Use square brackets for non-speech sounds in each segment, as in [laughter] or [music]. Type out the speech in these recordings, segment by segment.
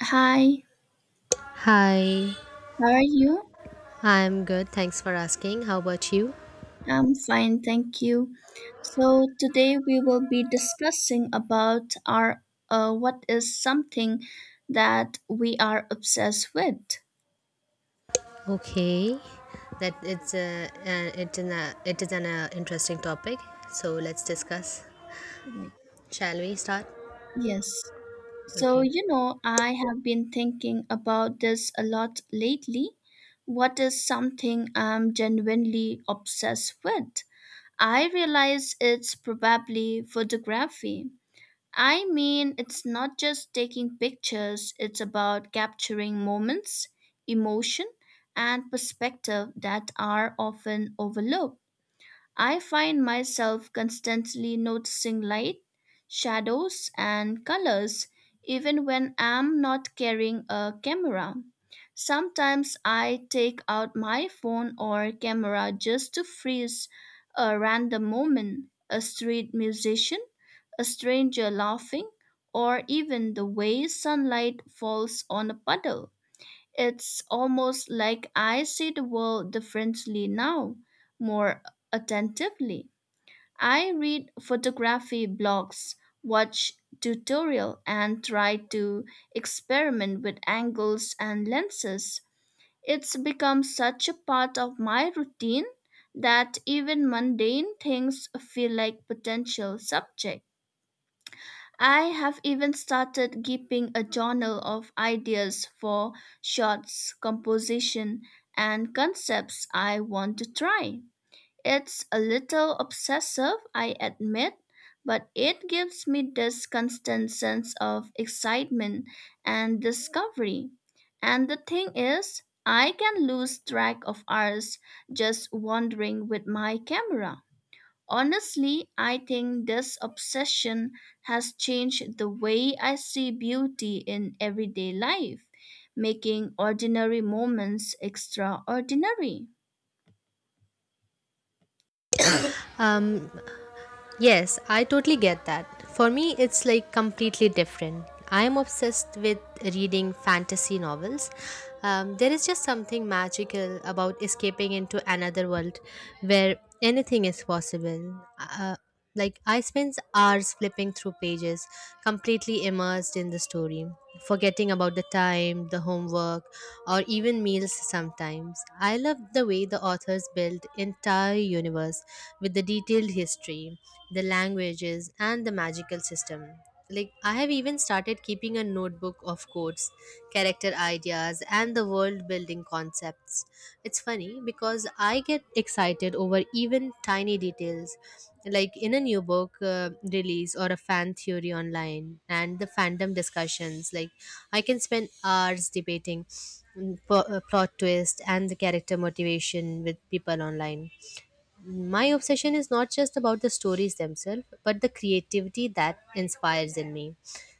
Hi, Hi, how are you? I'm good. Thanks for asking. How about you? I'm fine, thank you. So today we will be discussing about our what is something that we are obsessed with. Okay, that it's a it's an it is an interesting topic. So let's discuss. Right. Shall we start? Yes. So Okay. you know, I have been thinking about this a lot lately. What is something I'm genuinely obsessed with? I realize it's probably photography. I mean, it's not just taking pictures, it's about capturing moments, emotion, and perspective that are often overlooked. I find myself constantly noticing light, shadows, and colors, even when I'm not carrying a camera. Sometimes I take out my phone or camera just to freeze a random moment, a street musician, a stranger laughing, or even the way sunlight falls on a puddle. It's almost like I see the world differently now, more attentively. I read photography blogs, watch tutorial, and try to experiment with angles and lenses. It's become such a part of my routine that even mundane things feel like potential subjects. I have even started keeping a journal of ideas for shots, composition, and concepts I want to try. It's a little obsessive, I admit, but it gives me this constant sense of excitement and discovery. And the thing is, I can lose track of hours just wandering with my camera. Honestly, I think this obsession has changed the way I see beauty in everyday life, making ordinary moments extraordinary. Um. Yes, I totally get that. For me, it's like completely different. I am obsessed with reading fantasy novels. There is just something magical about escaping into another world where anything is possible. Uh, like, I spend hours flipping through pages, completely immersed in the story, forgetting about the time, the homework, or even meals sometimes. I love the way the authors build entire universe with the detailed history the languages, and the magical system. Like, I have even started keeping a notebook of quotes, character ideas, and the world building concepts. It's funny because I get excited over even tiny details, like in a new book release or a fan theory online, and the fandom discussions. Like, I can spend hours debating plot twist and the character motivation with people online. My obsession is not just about the stories themselves, but the creativity that inspires in me.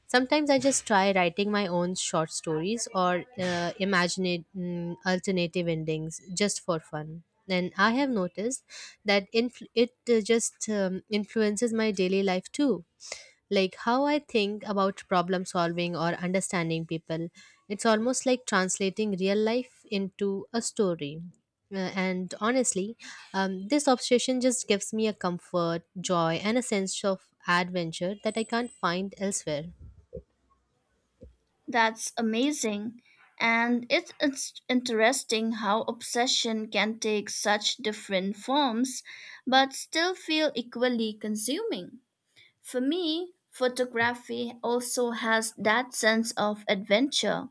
Sometimes I just try writing my own short stories or imagine alternative endings just for fun. And I have noticed that influ- it just influences my daily life too, like how I think about problem solving or understanding people. It's almost like translating real life into a story. And honestly, this obsession just gives me a comfort, joy, and a sense of adventure that I can't find elsewhere. That's amazing. And it's interesting how obsession can take such different forms but still feel equally consuming. For me, photography also has that sense of adventure,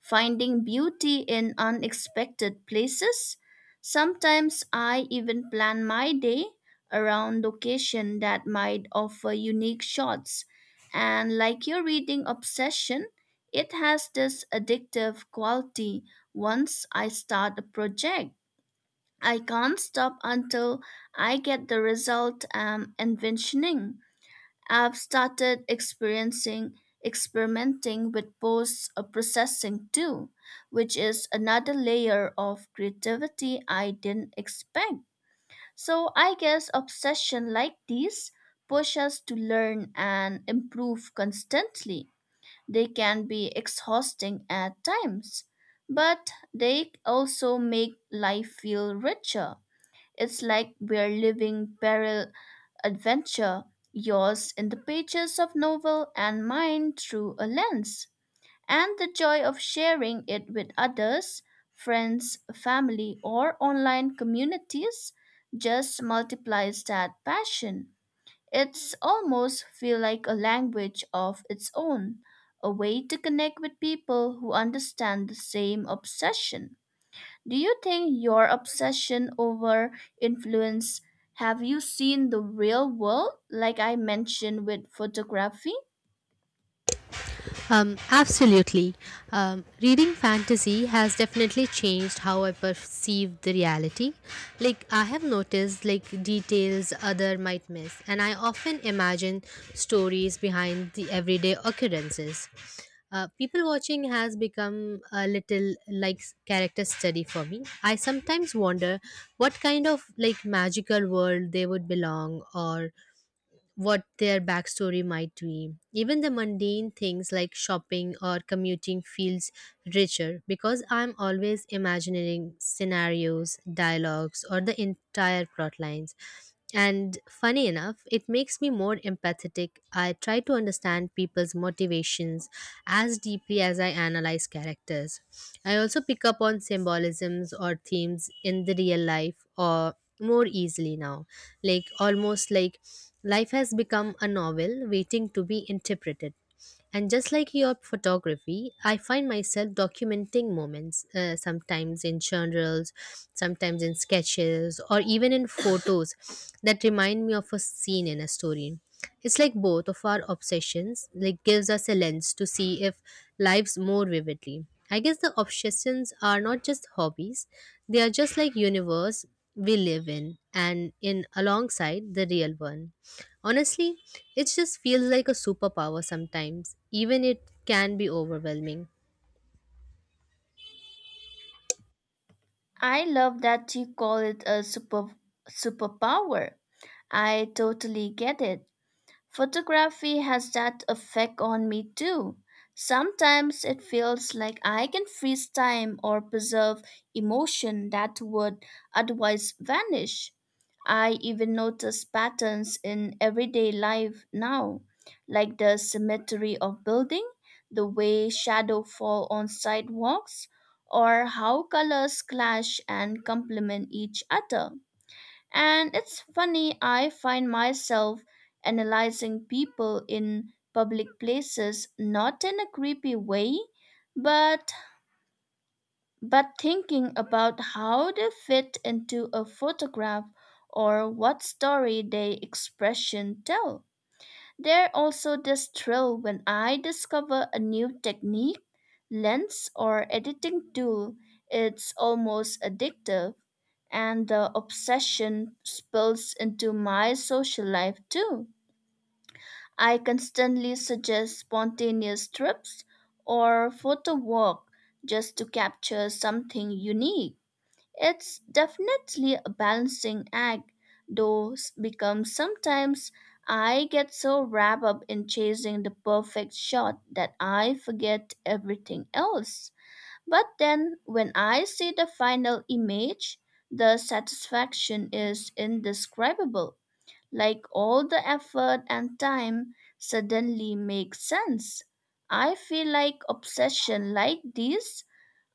finding beauty in unexpected places. Sometimes I even plan my day around location that might offer unique shots. And like your reading obsession, it has this addictive quality once I start a project. I can't stop until I get the result I'm envisioning. I've started experiencing, experimenting with post processing too, which is another layer of creativity I didn't expect. So I guess obsession like these push us to learn and improve constantly. They can be exhausting at times, but they also make life feel richer. It's like we're living parallel adventure, yours in the pages of novel and mine through a lens. And the joy of sharing it with others, friends, family, or online communities just multiplies that passion. It's almost feel like a language of its own, a way to connect with people who understand the same obsession. Do you think your obsession over influence, have you seen the real world like I mentioned with photography? Absolutely. Reading fantasy has definitely changed how I perceive the reality. Like, I have noticed, like, details other might miss, and I often imagine stories behind the everyday occurrences. People watching has become a little like s- character study for me. I sometimes wonder what kind of like magical world they would belong or what their backstory might be. Even the mundane things like shopping or commuting feels richer because I'm always imagining scenarios, dialogues, or the entire plot lines. And funny enough, it makes me more empathetic. I try to understand people's motivations as deeply as I analyze characters. I also pick up on symbolisms or themes in the real life or more easily now, like almost like life has become a novel waiting to be interpreted. And just like your photography, I find myself documenting moments, sometimes in journals, sometimes in sketches, or even in photos that remind me of a scene in a story. It's like both of our obsessions like gives us a lens to see if lives more vividly. I guess the obsessions are not just hobbies, they are just like universe we live in and in alongside the real one. Honestly, it just feels like a superpower sometimes, even it can be overwhelming. I love that you call it a superpower. I totally get it. Photography has that effect on me too. Sometimes it feels like I can freeze time or preserve emotion that would otherwise vanish. I even notice patterns in everyday life now, like the symmetry of building, the way shadow fall on sidewalks, or how colors clash and complement each other. And it's funny, I find myself analyzing people in public places, not in a creepy way, but thinking about how they fit into a photograph or what story they expression tell. There also this thrill when I discover a new technique, lens, or editing tool. It's almost addictive, and the obsession spills into my social life too. I constantly suggest spontaneous trips or photo walk just to capture something unique. It's definitely a balancing act, though becomes sometimes I get so wrapped up in chasing the perfect shot that I forget everything else. But then when I see the final image, the satisfaction is indescribable. Like all the effort and time suddenly makes sense. I feel like obsession like these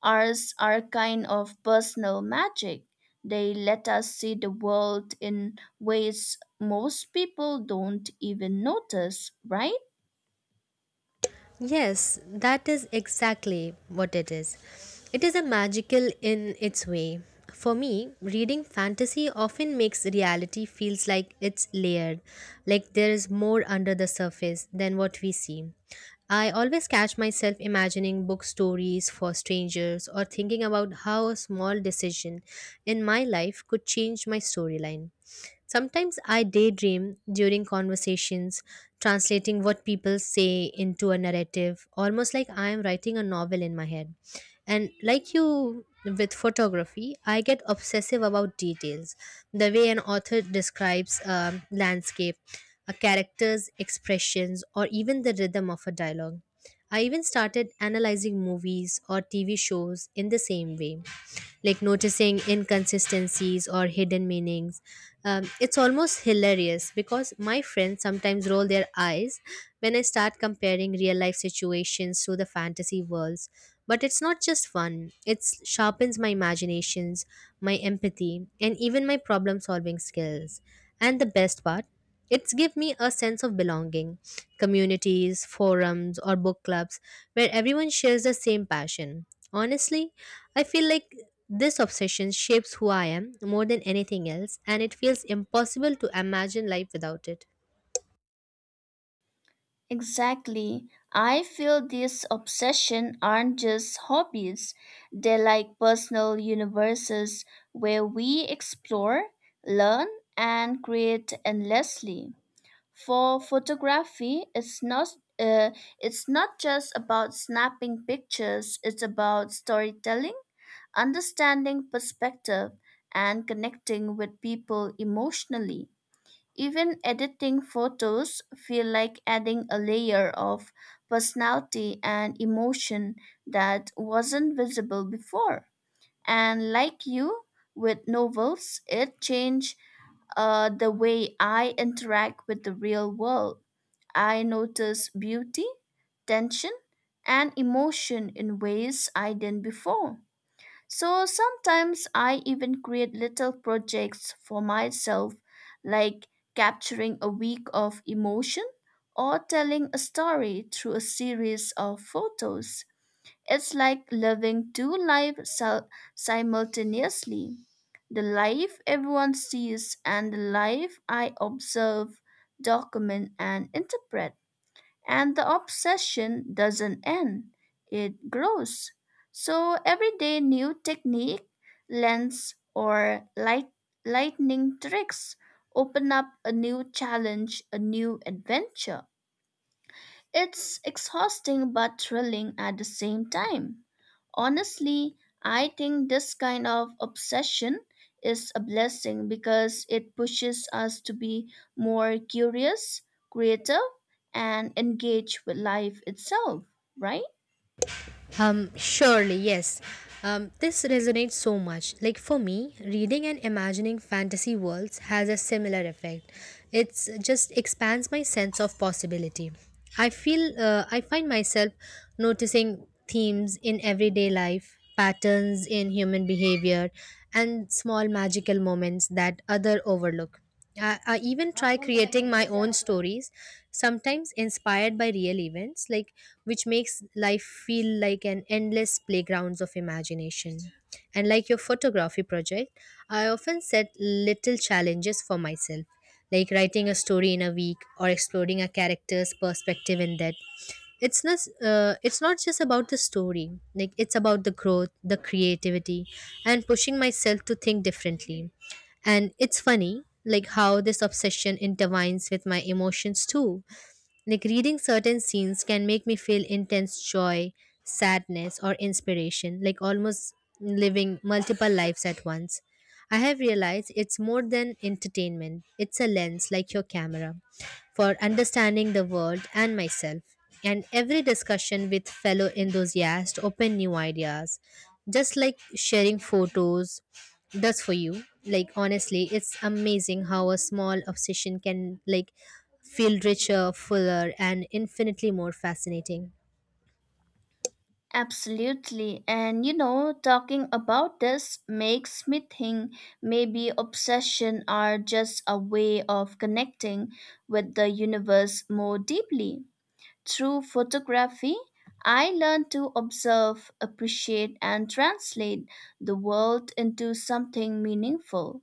are, are kind of personal magic. They let us see the world in ways most people don't even notice, right? Yes, that is exactly what it is. It is a magical in its way. For me, reading fantasy often makes reality feels like it's layered, like there is more under the surface than what we see. I always catch myself imagining book stories for strangers or thinking about how a small decision in my life could change my storyline. Sometimes I daydream during conversations, translating what people say into a narrative, almost like I am writing a novel in my head. And like you with photography, I get obsessive about details, the way an author describes a landscape, a character's expressions, or even the rhythm of a dialogue. I even started analyzing movies or TV shows in the same way, like noticing inconsistencies or hidden meanings. It's almost hilarious because my friends sometimes roll their eyes when I start comparing real life situations to the fantasy worlds. But it's not just fun, it sharpens my imaginations, my empathy, and even my problem solving skills. And the best part, it's give me a sense of belonging, communities, forums or book clubs where everyone shares the same passion. Honestly, I feel like this obsession shapes who I am more than anything else and it feels impossible to imagine life without it. Exactly. I feel these obsessions aren't just hobbies, they're like personal universes where we explore, learn, and create endlessly. For photography, uh, it's not just about snapping pictures, it's about storytelling, understanding perspective, and connecting with people emotionally. Even editing photos feel like adding a layer of personality and emotion that wasn't visible before. And like you with novels, it changed the way I interact with the real world. I notice beauty, tension, and emotion in ways I didn't before. So sometimes I even create little projects for myself, like capturing a week of emotion or telling a story through a series of photos. It's like living two lives simultaneously, the life everyone sees and the life I observe, document, and interpret. And the obsession doesn't end, it grows. So every day, new technique, lens, or lightning tricks open up a new challenge, a new adventure. It's exhausting but thrilling at the same time. Honestly, I think this kind of obsession is a blessing because it pushes us to be more curious, creative, and engaged with life itself, right? Surely, yes. This resonates so much. Like for me, reading and imagining fantasy worlds has a similar effect. It's just expands my sense of possibility. I find myself noticing themes in everyday life, patterns in human behavior, and small magical moments that other overlook. I even try creating my own stories, sometimes inspired by real events, like which makes life feel like an endless playgrounds of imagination. And like your photography project, I often set little challenges for myself, like writing a story in a week or exploring a character's perspective in that. It's not just about the story, like it's about the growth, the creativity, and pushing myself to think differently. And it's funny, like how this obsession intertwines with my emotions too. Like reading certain scenes can make me feel intense joy, sadness, or inspiration, like almost living multiple lives at once. I have realized it's more than entertainment, it's a lens like your camera for understanding the world and myself. And every discussion with fellow enthusiasts open new ideas. Just like sharing photos, does for you. Like honestly, it's amazing how a small obsession can like feel richer, fuller and infinitely more fascinating. Absolutely. And you know, talking about this makes me think maybe obsession are just a way of connecting with the universe more deeply. Through photography, I learned to observe, appreciate, and translate the world into something meaningful.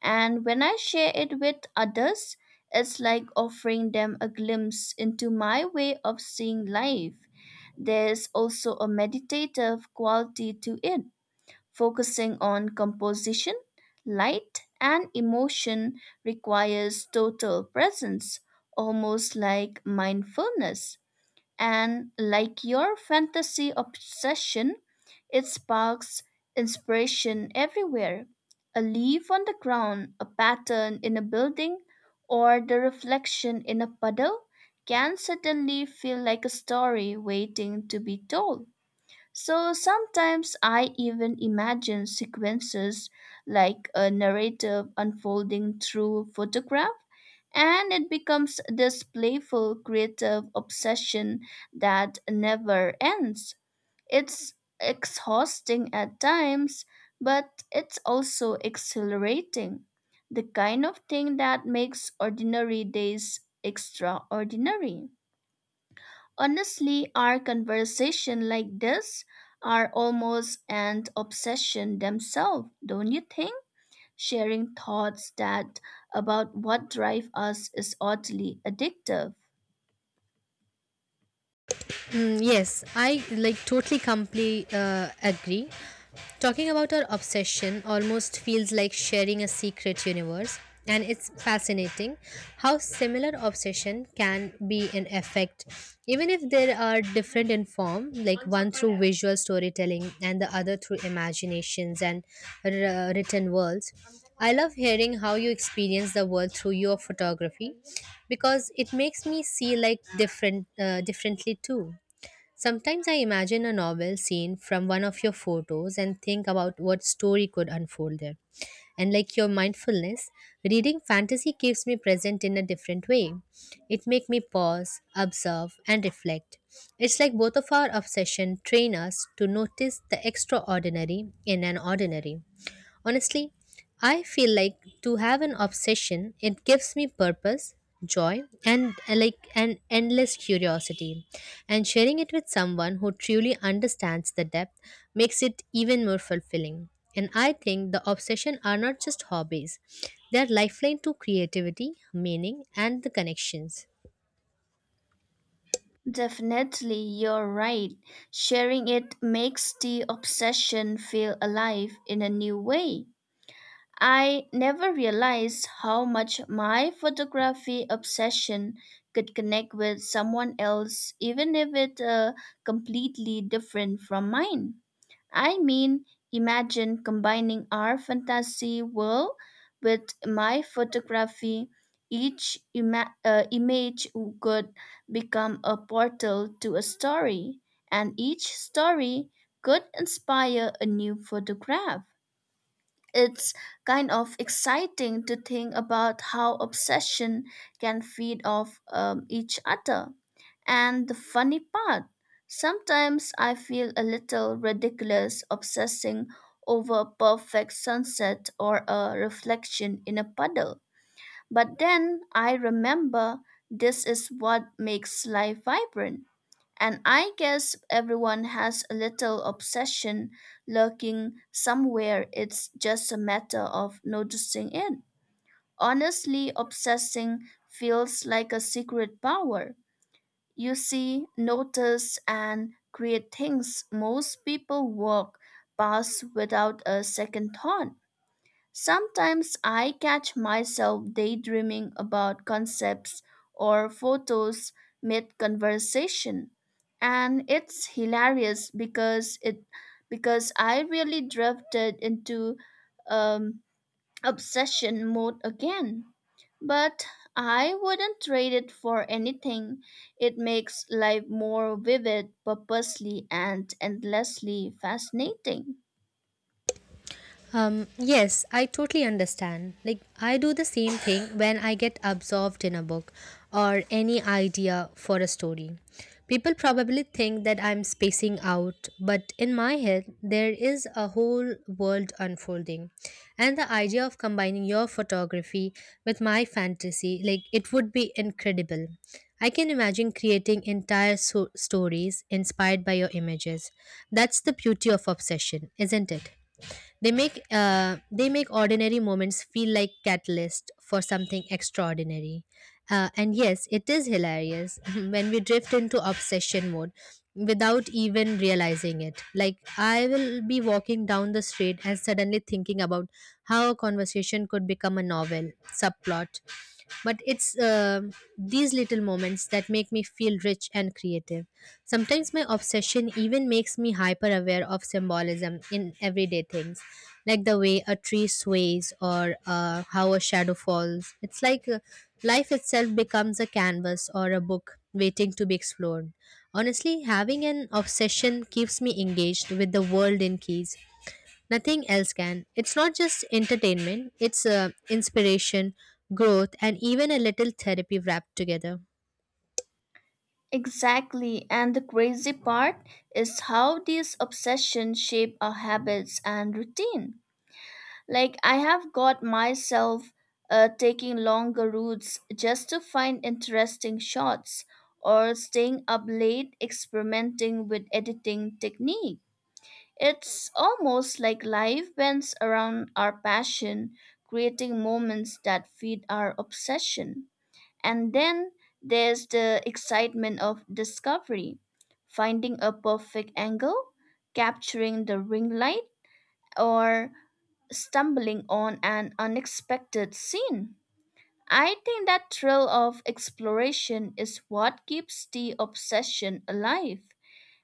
And when I share it with others, it's like offering them a glimpse into my way of seeing life. There's also a meditative quality to it, focusing on composition, light, and emotion requires total presence, almost like mindfulness. And like your fantasy obsession, it sparks inspiration everywhere. A leaf on the ground, a pattern in a building, or the reflection in a puddle can suddenly feel like a story waiting to be told. So sometimes I even imagine sequences like a narrative unfolding through photograph, and it becomes this playful creative obsession that never ends. It's exhausting at times, but it's also exhilarating. The kind of thing that makes ordinary days extraordinary. Honestly, our conversation like this are almost an obsession themselves, don't you think? Sharing thoughts that about what drive us is oddly addictive. Yes, I like totally completely agree. Talking about our obsession almost feels like sharing a secret universe, and it's fascinating how similar obsession can be in effect, even if there are different in form, like one through visual storytelling and the other through imaginations and written worlds. I love hearing how you experience the world through your photography because it makes me see like differently too. Sometimes I imagine a novel scene from one of your photos and think about what story could unfold there. And like your mindfulness, reading fantasy keeps me present in a different way. It makes me pause, observe, and reflect. It's like both of our obsession train us to notice the extraordinary in an ordinary. Honestly, I feel like to have an obsession, it gives me purpose, joy, and like an endless curiosity. And sharing it with someone who truly understands the depth makes it even more fulfilling. And I think the obsession are not just hobbies. They are lifeline to creativity, meaning, and the connections. Definitely, you're right. Sharing it makes the obsession feel alive in a new way. I never realized how much my photography obsession could connect with someone else, even if it completely different from mine. I mean, imagine combining our fantasy world with my photography. Each image could become a portal to a story, and each story could inspire a new photograph. It's kind of exciting to think about how obsession can feed off each other. And the funny part, sometimes I feel a little ridiculous obsessing over a perfect sunset or a reflection in a puddle. But then I remember this is what makes life vibrant. And I guess everyone has a little obsession lurking somewhere. It's just a matter of noticing it. Honestly, obsessing feels like a secret power. You see, notice, and create things most people walk past without a second thought. Sometimes I catch myself daydreaming about concepts or photos mid conversation, and it's hilarious because I really drifted into um, obsession mode again. But I wouldn't trade it for anything. It makes life more vivid, purposely, and endlessly fascinating. Yes, I totally understand. Like, I do the same thing when I get absorbed in a book or any idea for a story. People probably think that I'm spacing out, but in my head, there is a whole world unfolding. And the idea of combining your photography with my fantasy, like, it would be incredible. I can imagine creating entire stories inspired by your images. That's the beauty of obsession, isn't it? They make ordinary moments feel like catalyst for something extraordinary. And yes, it is hilarious [laughs] when we drift into obsession mode without even realizing it. Like I will be walking down the street and suddenly thinking about how a conversation could become a novel subplot. But it's these little moments that make me feel rich and creative. Sometimes my obsession even makes me hyper aware of symbolism in everyday things, like the way a tree sways or how a shadow falls. It's like life itself becomes a canvas or a book waiting to be explored. Honestly, having an obsession keeps me engaged with the world in keys nothing else can. It's not just entertainment, it's inspiration, growth, and even a little therapy wrapped together. Exactly, and the crazy part is how these obsessions shape our habits and routine. Like, I have got myself taking longer routes just to find interesting shots, or staying up late experimenting with editing technique. It's almost like life bends around our passion, creating moments that feed our obsession. And then there's the excitement of discovery, finding a perfect angle, capturing the ring light, or stumbling on an unexpected scene. I think that thrill of exploration is what keeps the obsession alive.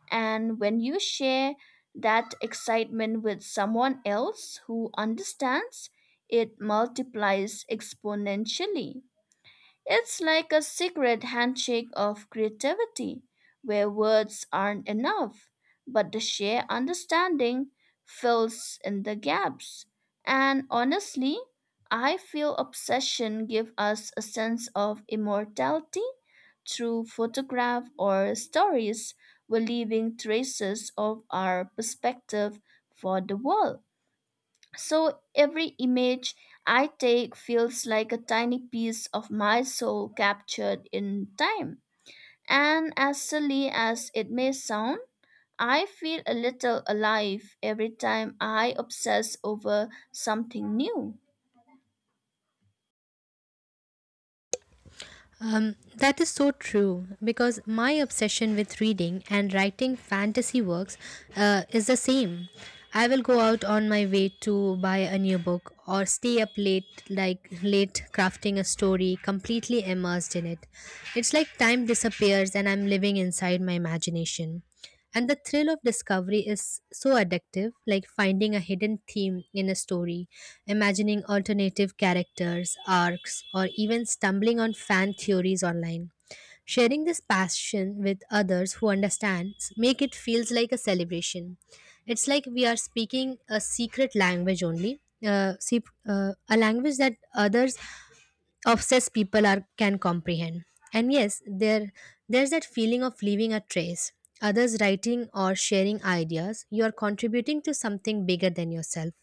And when you share that excitement with someone else who understands, it multiplies exponentially. It's like a secret handshake of creativity where words aren't enough, but the sheer understanding fills in the gaps. And honestly, I feel obsession give us a sense of immortality. Through photograph or stories, we're leaving traces of our perspective for the world. So every image I take feels like a tiny piece of my soul captured in time. And as silly as it may sound, I feel a little alive every time I obsess over something new. That is so true because my obsession with reading and writing fantasy works is the same. I will go out on my way to buy a new book or stay up late, like late crafting a story, completely immersed in it. It's like time disappears and I'm living inside my imagination. And the thrill of discovery is so addictive, like finding a hidden theme in a story, imagining alternative characters, arcs, or even stumbling on fan theories online. Sharing this passion with others who understand make it feels like a celebration. It's like we are speaking a secret language a language that others obsessed people are can comprehend. And yes, there's that feeling of leaving a trace. Others writing or sharing ideas you are contributing to something bigger than yourself.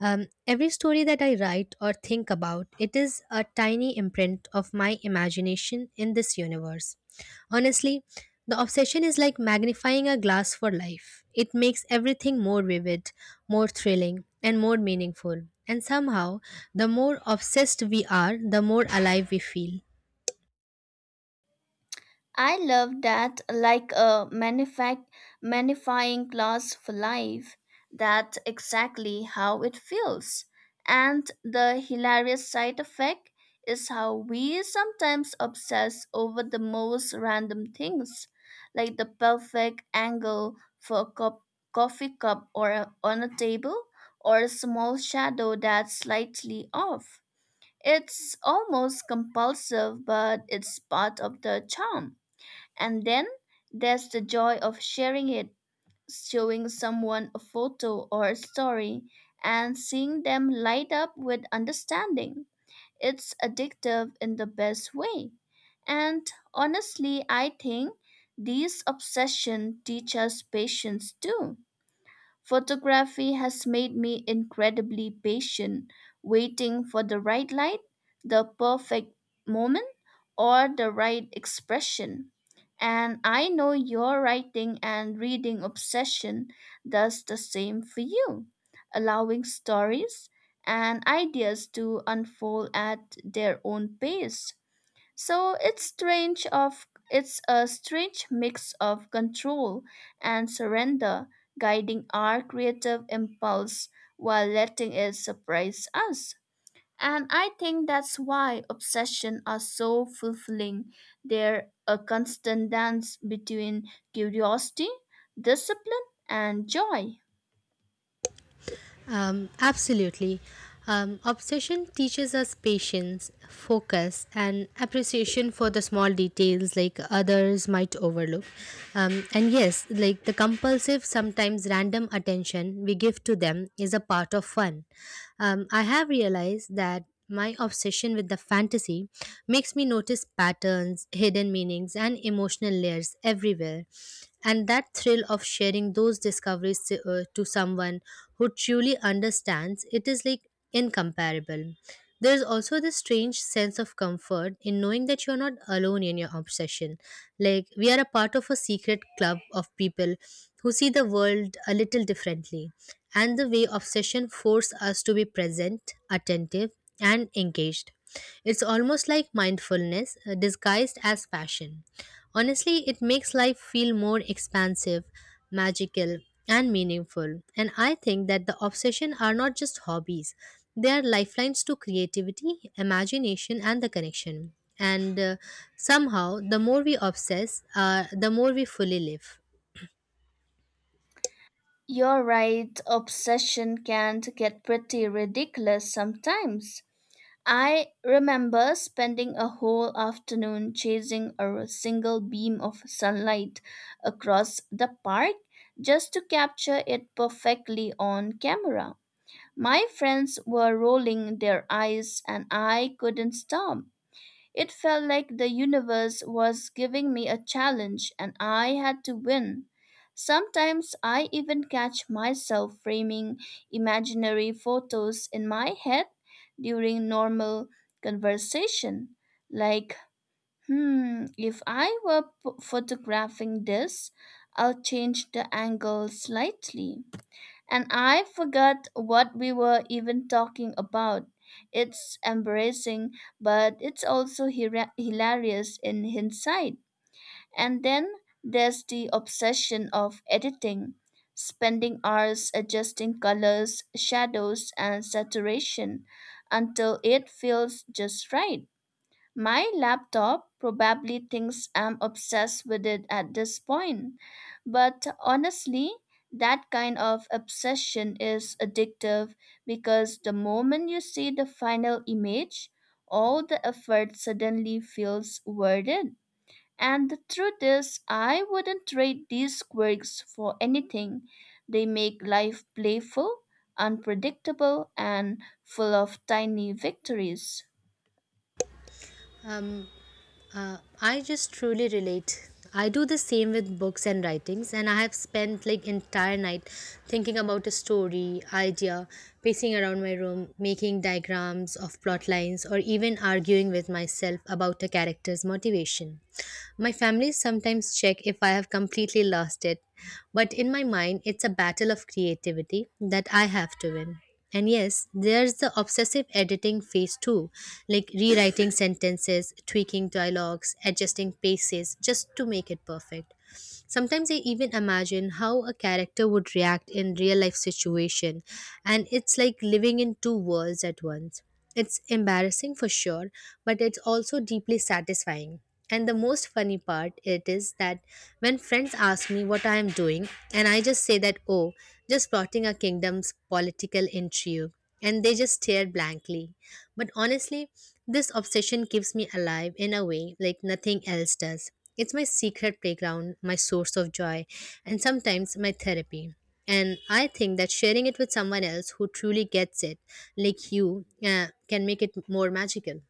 Every story that I write or think about, it is a tiny imprint of my imagination in this universe. Honestly, the obsession is like magnifying a glass for life. It makes everything more vivid, more thrilling, and more meaningful. And somehow, the more obsessed we are, the more alive we feel. I love that, like a magnifying glass for life. That's exactly how it feels. And the hilarious side effect is how we sometimes obsess over the most random things, like the perfect angle for a coffee cup or on a table, or a small shadow that's slightly off. It's almost compulsive, but it's part of the charm. And then there's the joy of sharing it, showing someone a photo or a story, and seeing them light up with understanding. It's addictive in the best way. And honestly, I think these obsessions teach us patience too. Photography has made me incredibly patient, waiting for the right light, the perfect moment, or the right expression. And I know your writing and reading obsession does the same for you, allowing stories and ideas to unfold at their own pace. So it's a strange mix of control and surrender, guiding our creative impulse while letting it surprise us. And I think that's why obsessions are so fulfilling. They're a constant dance between curiosity, discipline, and joy. Absolutely. Obsession teaches us patience, focus, and appreciation for the small details like others might overlook. And yes, like the compulsive, sometimes random attention we give to them is a part of fun. I have realized that my obsession with the fantasy makes me notice patterns, hidden meanings, and emotional layers everywhere. And that thrill of sharing those discoveries to someone who truly understands it is like incomparable. There is also this strange sense of comfort in knowing that you're not alone in your obsession. Like, we are a part of a secret club of people who see the world a little differently. And the way obsession force us to be present, attentive, and engaged. It's almost like mindfulness disguised as passion. Honestly, it makes life feel more expansive, magical, and meaningful. And I think that the obsession are not just hobbies, they are lifelines to creativity, imagination, and the connection. And somehow, the more we obsess, the more we fully live. You're right, obsession can get pretty ridiculous sometimes. I remember spending a whole afternoon chasing a single beam of sunlight across the park just to capture it perfectly on camera. My friends were rolling their eyes and I couldn't stop. It felt like the universe was giving me a challenge and I had to win. Sometimes I even catch myself framing imaginary photos in my head during normal conversation. Like, hmm, if I were photographing this, I'll change the angle slightly. And I forgot what we were even talking about. It's embarrassing, but it's also hilarious in hindsight. And then there's the obsession of editing, spending hours adjusting colors, shadows, and saturation until it feels just right. My laptop probably thinks I'm obsessed with it at this point, but honestly, that kind of obsession is addictive because the moment you see the final image, all the effort suddenly feels worth it. And the truth is, I wouldn't trade these quirks for anything. They make life playful, unpredictable, and full of tiny victories. Um, I just truly relate. I do the same with books and writings, and I have spent like entire night thinking about a story, idea, pacing around my room, making diagrams of plot lines, or even arguing with myself about a character's motivation. My family sometimes check if I have completely lost it, but in my mind, it's a battle of creativity that I have to win. And yes, there's the obsessive editing phase too, like rewriting sentences, tweaking dialogues, adjusting paces just to make it perfect. Sometimes I even imagine how a character would react in real life situation, and it's like living in two worlds at once. It's embarrassing for sure, but it's also deeply satisfying. And the most funny part it is that when friends ask me what I am doing, and I just say that, oh, just plotting a kingdom's political intrigue, and they just stare blankly. But honestly, this obsession keeps me alive in a way like nothing else does. It's my secret playground, my source of joy, and sometimes my therapy. And I think that sharing it with someone else who truly gets it, like you, can make it more magical.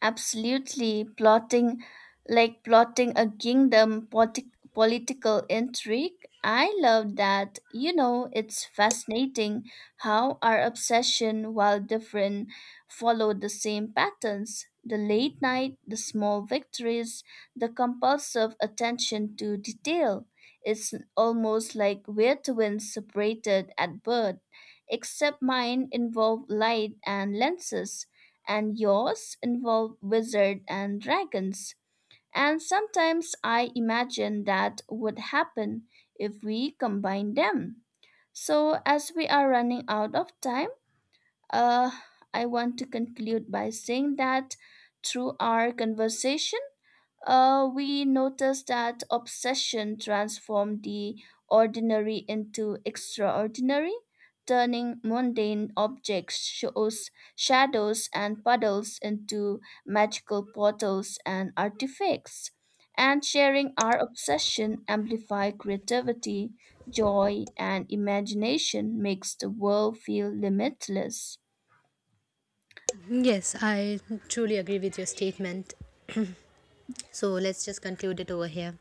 Absolutely, plotting a kingdom political intrigue. I love that. You know, it's fascinating how our obsession, while different, follow the same patterns. The late night, the small victories, the compulsive attention to detail. It's almost like we're twins separated at birth, except mine involve light and lenses and yours involve wizards and dragons. And sometimes I imagine that would happen if we combine them. So, as we are running out of time, uh, I want to conclude by saying that through our conversation, we notice that obsession transformed the ordinary into extraordinary, turning mundane objects, shadows, and puddles into magical portals and artifacts. And sharing our obsession amplify creativity, joy, and imagination makes the world feel limitless. Yes, I truly agree with your statement. So let's just conclude it over here.